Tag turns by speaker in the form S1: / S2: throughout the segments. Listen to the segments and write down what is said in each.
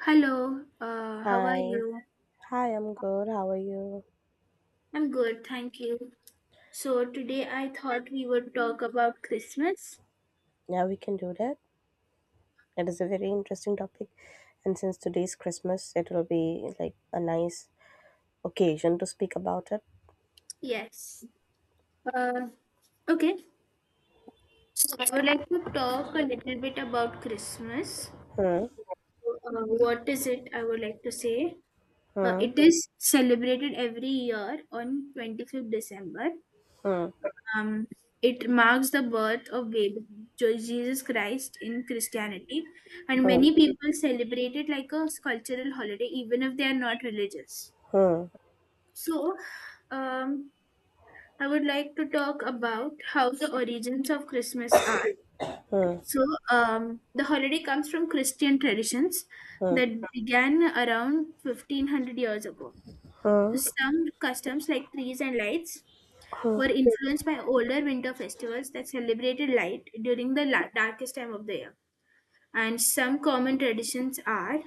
S1: Hello, how are
S2: Hi.
S1: you?
S2: Hi, I'm good. How are you?
S1: I'm good, thank you. So, today I thought we would talk about Christmas.
S2: Yeah, we can do that. It is a very interesting topic. And since today's Christmas, it will be like a nice occasion to speak about it.
S1: Yes. Uh, okay. So, I would like to talk a little bit about Christmas.
S2: Hmm,
S1: So, what is it? I would like to say.
S2: hmm,
S1: It is celebrated every year on 25th December.
S2: hmm,
S1: Um, it marks the birth of baby Jesus Christ in Christianity, and
S2: hmm,
S1: many people celebrate it like a cultural holiday, even if they are not religious.
S2: hmm,
S1: So, um, I would like to talk about how the origins of Christmas are. So, the holiday comes from Christian traditions that began around 1500 years ago.
S2: hmm,
S1: So, some customs like trees and lights were influenced by older winter festivals that celebrated light during the darkest time of the year. And some common traditions are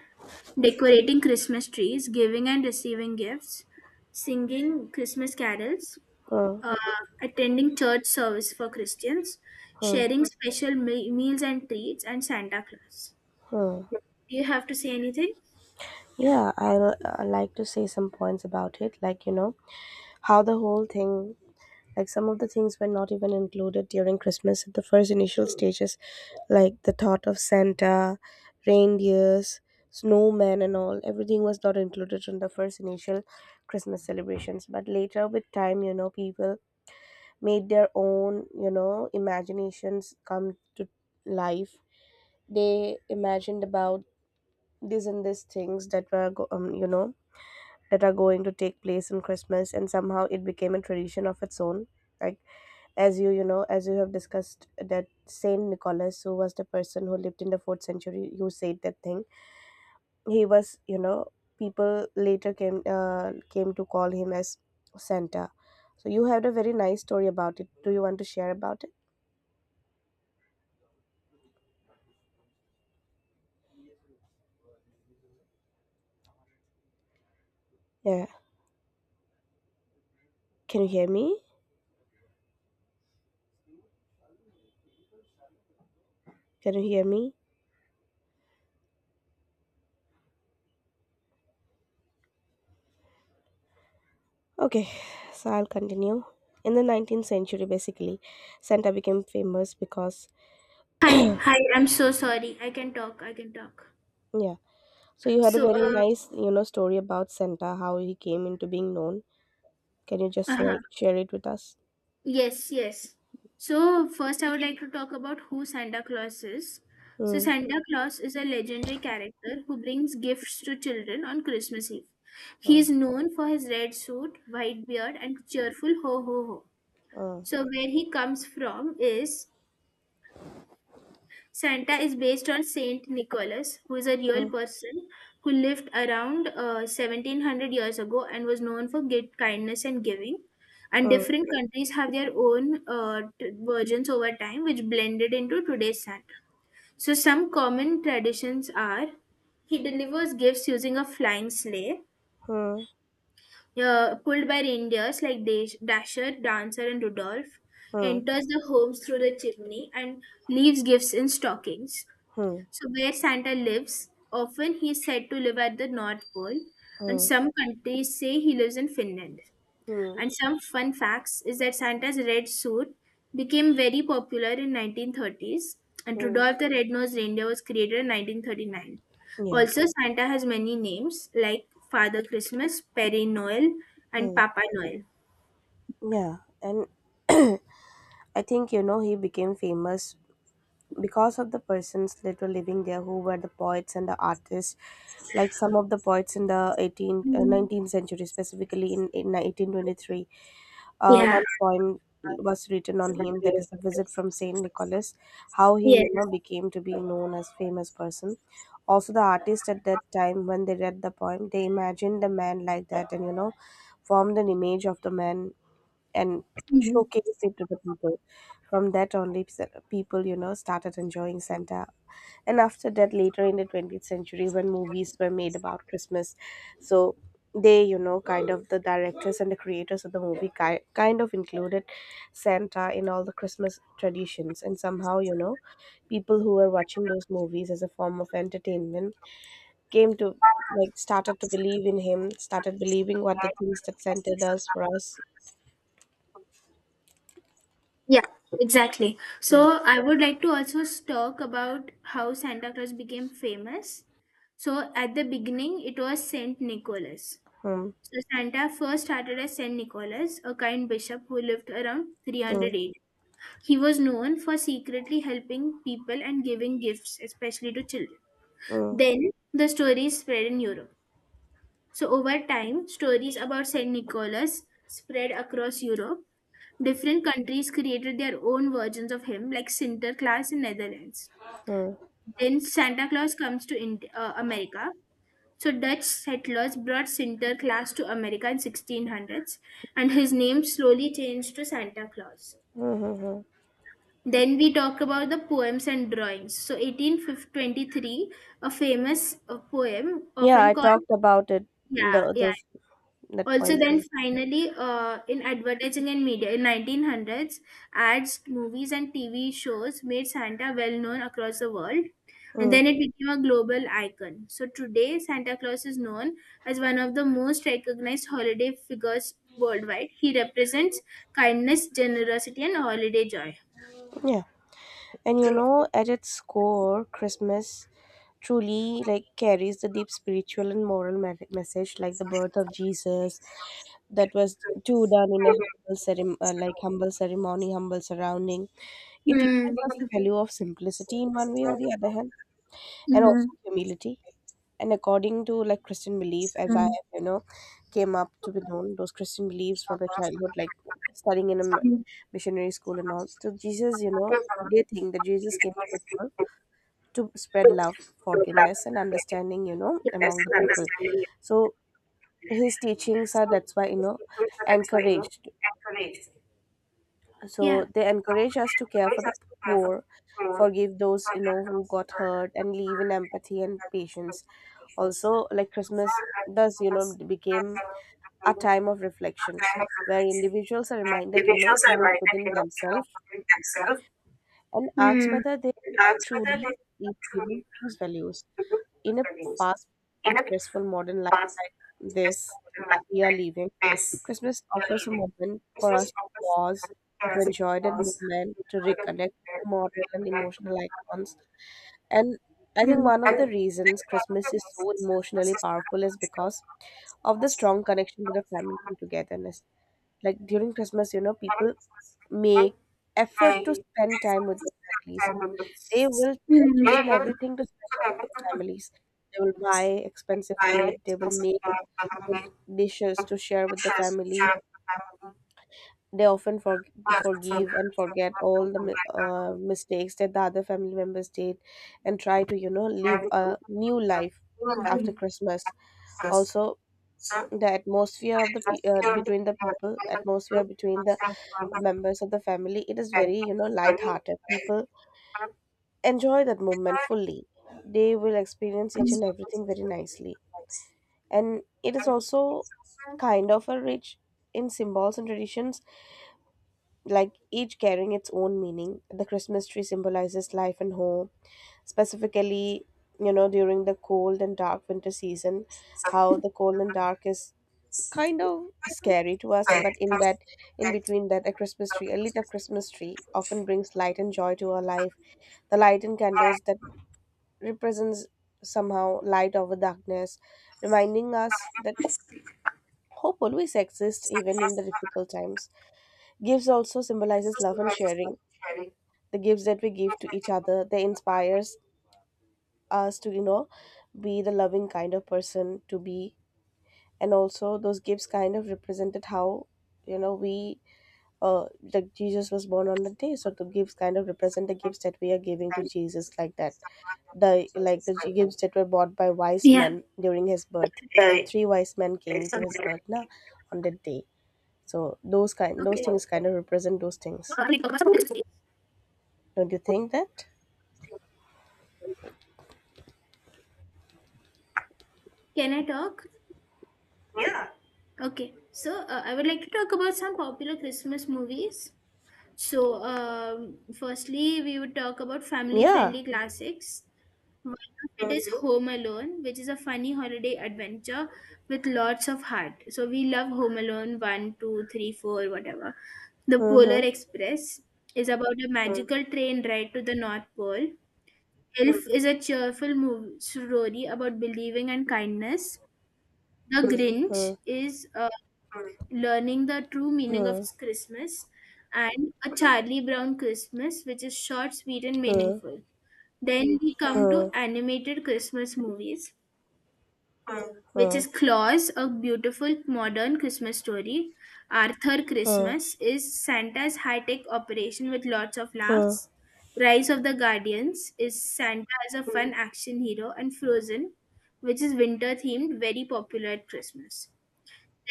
S1: decorating Christmas trees, giving and receiving gifts, singing Christmas carols,
S2: hmm,
S1: uh, attending church service for Christians,
S2: hmm,
S1: sharing special meals and treats, and Santa Claus.
S2: hmm.
S1: Do you have to say anything?
S2: Yeah, I'll like to say some points about it, like, how the whole thing, like, some of the things were not even included during Christmas at the first initial stages, like the thought of Santa, reindeers, snowmen, and all. Everything was not included in the first initial Christmas celebrations. But later, with time, people made their own, imaginations come to life. They imagined about this and these things that were go- you know that are going to take place in Christmas, and somehow it became a tradition of its own. Like, as you have discussed, that Saint Nicholas, who was the person who lived in the fourth century, who said that thing, he was you know people later came to call him as Santa. So you had a very nice story about it. Do you want to share about it? Yeah. Can you hear me? Can you hear me? Okay, so I'll continue. In the 19th century, basically, Santa became famous because,
S1: Hi, hi, I'm so sorry. I can talk, I can talk.
S2: yeah. So you had a
S1: So,
S2: very
S1: uh,
S2: nice, story about Santa, how he came into being known. Can you just
S1: uh-huh.
S2: say, share it with us?
S1: Yes, yes. So, first, I would like to talk about who Santa Claus is. So,
S2: Hmm.
S1: Santa Claus is a legendary character who brings gifts to children on Christmas Eve. He
S2: Hmm.
S1: is known for his red suit, white beard, and cheerful ho ho ho.
S2: Hmm.
S1: So, where he comes from is Santa is based on Saint Nicholas, who is a real
S2: Hmm.
S1: person who lived around 1700 years ago and was known for great kindness and giving. And different countries have their own versions over time, which blended into today's Santa. So, some common traditions are he delivers gifts using a flying sleigh,
S2: Hmm.
S1: pulled by reindeers like Dasher, Dancer, and Rudolph,
S2: Hmm.
S1: enters the homes through the chimney, and leaves gifts in stockings.
S2: Hmm.
S1: So, where Santa lives, often he is said to live at the North Pole, and
S2: Hmm.
S1: some countries say he lives in Finland.
S2: Hmm. Hmm.
S1: And some fun facts is that Santa's red suit became very popular in 1930s, and
S2: Hmm.
S1: Rudolph the Red-Nosed Reindeer was created in 1939.
S2: Yeah.
S1: Also, Santa has many names like Father Christmas, Pere Noel, and
S2: Hmm.
S1: Papa Noel.
S2: Yeah. And I think, he became famous because of the persons that were living there, who were the poets and the artists, like some of the poets in the 18th,
S1: Mhm.
S2: 19th century, specifically in 1823. Uh,
S1: Yeah.
S2: one poem was written on him, that is, A Visit from Saint Nicholas, how he,
S1: Yes.
S2: became to be known as famous person. Also, the artist at that time, when they read the poem, they imagined the man like that, and formed an image of the man and
S1: Mm-hmm.
S2: showcased it to the people. From that only, people, started enjoying Santa. And after that, later in the 20th century, when movies were made about Christmas, so they, kind of the directors and the creators of the movie kind of included Santa in all the Christmas traditions. And somehow, people who were watching those movies as a form of entertainment came to, like, started to believe in him, started believing what the things that Santa does for us.
S1: Yeah, exactly. So I would like to also talk about how Santa Claus became famous. So at the beginning, it was Saint Nicholas.
S2: Hmm.
S1: So Santa first started as Saint Nicholas, a kind bishop who lived around
S2: Hmm.
S1: 308. He was known for secretly helping people and giving gifts, especially to children.
S2: Mm,
S1: Then the stories spread in Europe. So over time, stories about Saint Nicholas spread across Europe. Different countries created their own versions of him, like Sinterklaas in Netherlands.
S2: mm,
S1: Then Santa Claus comes to America. So Dutch settlers brought Sinterklaas to America in 1600s, and his name slowly changed to Santa Claus.
S2: mm, mm, mm.
S1: Then we talk about the poems and drawings. So 1823, a famous poem
S2: Yeah,
S1: often
S2: I
S1: called
S2: talked about it.
S1: yeah
S2: The,
S1: yeah
S2: those that
S1: Also,
S2: point
S1: then
S2: thing.
S1: finally, in advertising and media, in 1900s, ads, movies, and TV shows made Santa well known across the world, and
S2: Mm,
S1: then it became a global icon. So today, Santa Claus is known as one of the most recognized holiday figures worldwide. He represents kindness, generosity, and holiday joy.
S2: yeah, and at its core, Christmas truly, like, carries the deep spiritual and moral message, like the birth of Jesus, that was too done in a humble ceremony, like humble ceremony, humble surrounding. It teaches
S1: Hmm.
S2: us the value of simplicity in one way or the other hand, and also
S1: Hmm.
S2: humility. And according to, like, Christian belief, as I have, came up to be known those Christian beliefs from the childhood, like studying in a
S1: Hmm.
S2: missionary school and all. So Jesus, they think that Jesus came to the world to spread love, forgiveness, and understanding, among the people. So his teachings are, that's why, encouraged. So
S1: Yeah.
S2: they encourage us to care for the poor, forgive those, who got hurt, and live in empathy and patience. Also, like Christmas thus, became a time of reflection, where individuals are reminded, to look within themselves and ask
S1: Hmm.
S2: whether they are truly living those values. In a fast and stressful modern life like this that we are living, Christmas offers a moment for us to pause, to enjoy the moment, to reconnect with the moral and emotional icons. And I think
S1: Hmm.
S2: one of the reasons Christmas is so emotionally powerful is because of the strong connection to the family and togetherness. Like during Christmas, people make effort to spend time with their families. They will try
S1: Hmm.
S2: each and everything to spend time with their families. They will buy expensive gift. They will make good dishes to share with the family. They often forgive and forget all the mistakes that the other family members did, and try to, live a new life after Christmas. Also, the atmosphere of the between the people, atmosphere between the members of the family, it is very, light-hearted. People enjoy that moment fully. They will experience each and everything very nicely. And it is also kind of a rich in symbols and traditions, like each carrying its own meaning. The Christmas tree symbolizes life and hope, specifically, during the cold and dark winter season. How the cold and dark is kind of scary to us, but in that, in between that, a Christmas tree, a lit up Christmas tree, often brings light and joy to our life. The light in candles that represents somehow light over darkness, reminding us that hope always exists even in the difficult times. Gifts also symbolizes love and sharing. The gifts that we give to each other, they inspires us to, be the loving kind of person to be. And also those gifts kind of represented how, we uh like Jesus was born on the day, so the gifts kind of represent the gifts that we are giving to Jesus, like that. The, like, the gifts that were bought by wise
S1: Yeah,
S2: men during his birth. Three wise men came to his birth na, on that day, so those kind, those
S1: okay.
S2: things kind of represent those things.
S1: Can
S2: Don't you think that?
S1: I talk? Okay. So, I would like to talk about some popular Christmas movies. So, firstly, we would talk about family
S2: Yeah.
S1: friendly classics. One of it is Home Alone, which is a funny holiday adventure with lots of heart. So, we love Home Alone One, 2, 3, 4, whatever. The
S2: Mm-hmm.
S1: Polar
S2: Mm-hmm.
S1: Express is about a magical train ride to the North Pole. Elf is a cheerful movie story about believing and kindness. The Grinch is learning the true meaning of
S2: Huh,
S1: Christmas, and a Charlie Brown Christmas, which is short, sweet, and
S2: huh,
S1: meaningful. Then we come
S2: huh,
S1: to animated Christmas movies, which
S2: huh,
S1: is Claus, a beautiful modern Christmas story. Arthur
S2: huh,
S1: Christmas is Santa's high tech operation with lots of
S2: huh,
S1: laughs. Rise of the Guardians is Santa as a fun action hero, and Frozen, which is winter themed, very popular at Christmas.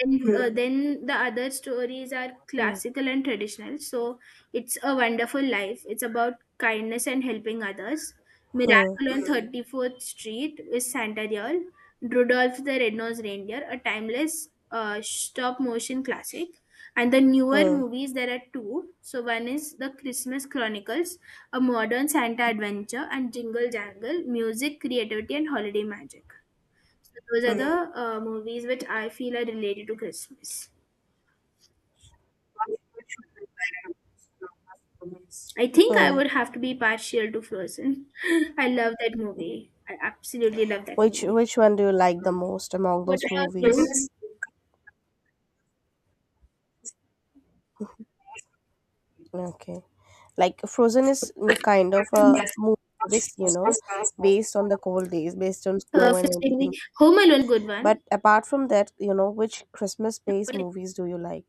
S1: Then the other stories are
S2: huh,
S1: classical and traditional. So it's a wonderful life, it's about kindness and helping others.
S2: huh,
S1: Miracle on 34th Street is santa Diol. Rudolph the Red-Nosed Reindeer, a timeless stop motion classic. And the newer
S2: huh,
S1: movies, there are two. So one is the Christmas Chronicles, a modern santa adventure, and Jingle Jangle, music, creativity, and holiday magic. So those are the movies which I feel are related to Christmas. I think I
S2: huh.
S1: would have to be partial to Frozen. I love that movie. I absolutely love that
S2: Which
S1: movie.
S2: which one do you like the most among
S1: What
S2: those
S1: about
S2: movies?
S1: you?
S2: Okay. Like Frozen is kind of a movie that is, based on the cold days, based on snow and
S1: First
S2: everything.
S1: movie, Home Alone, good
S2: But
S1: one.
S2: apart from that, which Christmas based
S1: Hello?
S2: movies do you like?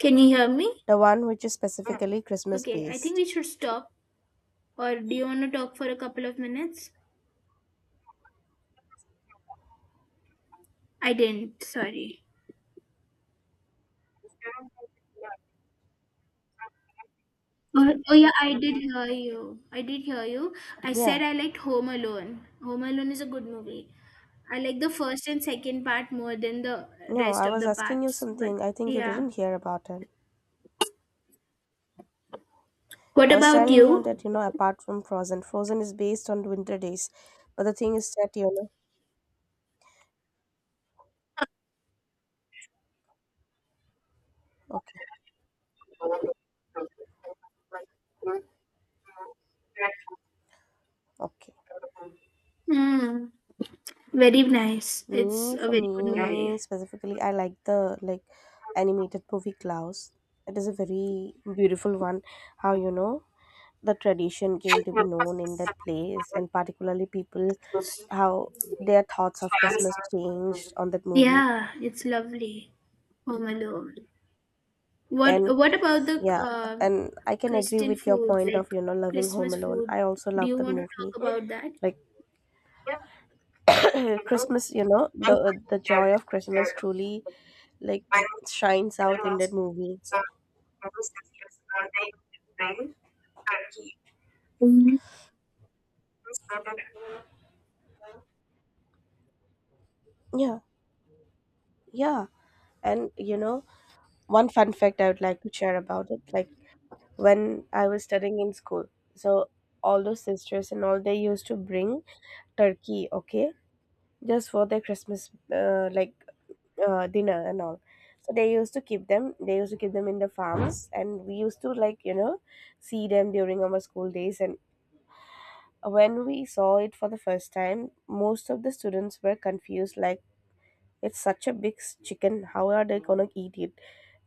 S1: Can you hear me?
S2: The one which is specifically Christmas
S1: Okay, I think
S2: based.
S1: we should stop. Or do you want to talk for a couple of minutes? I didn't. Sorry. Oh, oh yeah, I did hear you. I did hear you. I
S2: Yeah.
S1: said I liked Home Alone. Home Alone is a good movie. I like the first and second part more than the
S2: No,
S1: rest
S2: I
S1: of
S2: was
S1: the
S2: asking you
S1: parts. But
S2: something. I think you
S1: yeah.
S2: didn't hear about it.
S1: What
S2: I was
S1: about
S2: telling you that,
S1: you?
S2: apart from Frozen, Frozen is based on winter days. But the thing is that, okay, okay.
S1: Mm, very nice. It's a
S2: For
S1: very good
S2: me
S1: movie.
S2: specifically, I like the, like, animated movie Klaus. It is a very beautiful one. How, the tradition came to be known in that place, and particularly people, how their thoughts of Christmas changed on that movie.
S1: Yeah, it's lovely. Home Alone.
S2: And
S1: What about the
S2: yeah, and I can agree
S1: Christian
S2: with your
S1: foods
S2: point of,
S1: like
S2: loving Home
S1: Christmas
S2: Alone. I
S1: food?
S2: also
S1: Do
S2: love
S1: you
S2: that
S1: want to
S2: movie.
S1: talk about that?
S2: Like, Christmas, the joy of Christmas truly, like, shines out in that movie. Yeah, yeah, and one fun fact I would like to share about it, like when I was studying in school, so all those sisters and all they used to bring turkey, okay, just for their Christmas like dinner and all. So they used to keep them. They used to keep them in the farms, and we used to like, see them during our school days. And when we saw it for the first time, most of the students were confused, like, it's such a big chicken, how are they gonna eat it?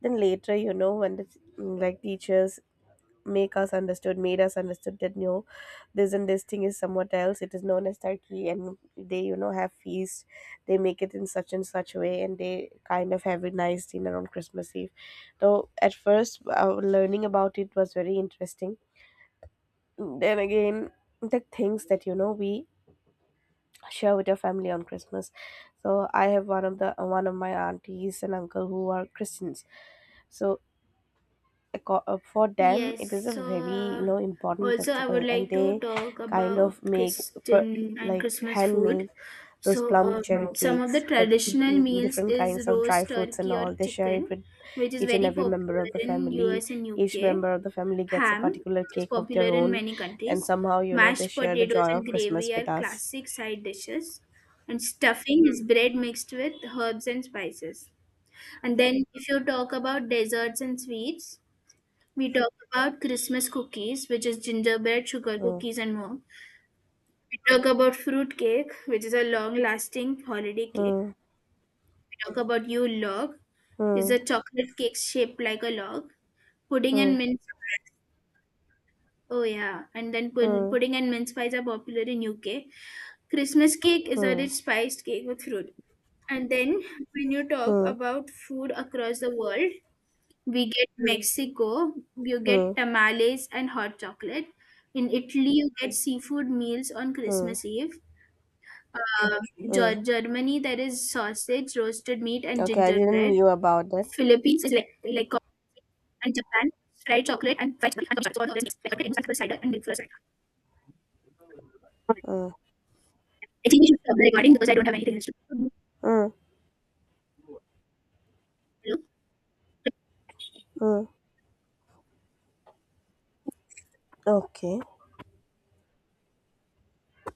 S2: Then later, when the like teachers made us understood that no, this and this thing is somewhat else. It is known as turkey, and they, have feast. They make it in such and such a way, and they kind of have a nice dinner on Christmas Eve. So at first, learning about it was very interesting. Then again, the things that we share with your family on Christmas. So I have one of my aunties and uncle who are Christians, so for them
S1: Yes,
S2: it is a
S1: so
S2: very, important
S1: also I would
S2: festival, and
S1: like to
S2: they
S1: talk
S2: kind of
S1: about
S2: make per-
S1: Christian and
S2: like
S1: Christmas food.
S2: handmade those
S1: So
S2: plum cherry
S1: um, some of the
S2: cakes with
S1: traditional meals
S2: different
S1: is
S2: kinds of dry
S1: roast
S2: fruits and
S1: turkey or
S2: all. They share it
S1: chicken,
S2: with
S1: which is
S2: each and
S1: very
S2: every member
S1: popular
S2: of the
S1: in
S2: family.
S1: US and
S2: Each
S1: UK.
S2: member of the family gets a
S1: Ham,
S2: particular
S1: which is
S2: cake of
S1: popular
S2: their
S1: in
S2: own,
S1: many
S2: and
S1: countries.
S2: somehow, they
S1: Mashed
S2: share the
S1: potatoes
S2: joy of
S1: and
S2: Christmas
S1: gravy
S2: with
S1: are
S2: us.
S1: classic side dishes. And stuffing is bread mixed with herbs and spices. And then if you talk about desserts and sweets, we talk about Christmas cookies, which is gingerbread, sugar
S2: Mm.
S1: cookies, and more. We talk about fruit cake, which is a long-lasting holiday cake.
S2: Mm.
S1: We talk about Yule log, is
S2: Mm.
S1: a chocolate cake shaped like a log. Pudding
S2: Hmm.
S1: and mince. Oh yeah, and then
S2: Hmm.
S1: pudding and mince pies are popular in UK. Christmas cake is a
S2: Hmm.
S1: rich spiced cake with fruit. And then when you talk
S2: Hmm.
S1: about food across the world, we get Mexico, you get
S2: Hmm.
S1: tamales and hot chocolate. In Italy, you get seafood meals on Christmas Eve. Um,
S2: Hmm.
S1: Germany, there is sausage, roasted meat, and
S2: Okay, I didn't
S1: gingerbread.
S2: knew about that.
S1: Philippines is like coffee. And Japan, fried chocolate and fried chicken. And chocolate. So all of this is like chocolate and milk, cider and milk, cider.
S2: Hmm.
S1: I think we should stop the recording because I don't have anything else to do.
S2: Hmm. Hmm. Okay.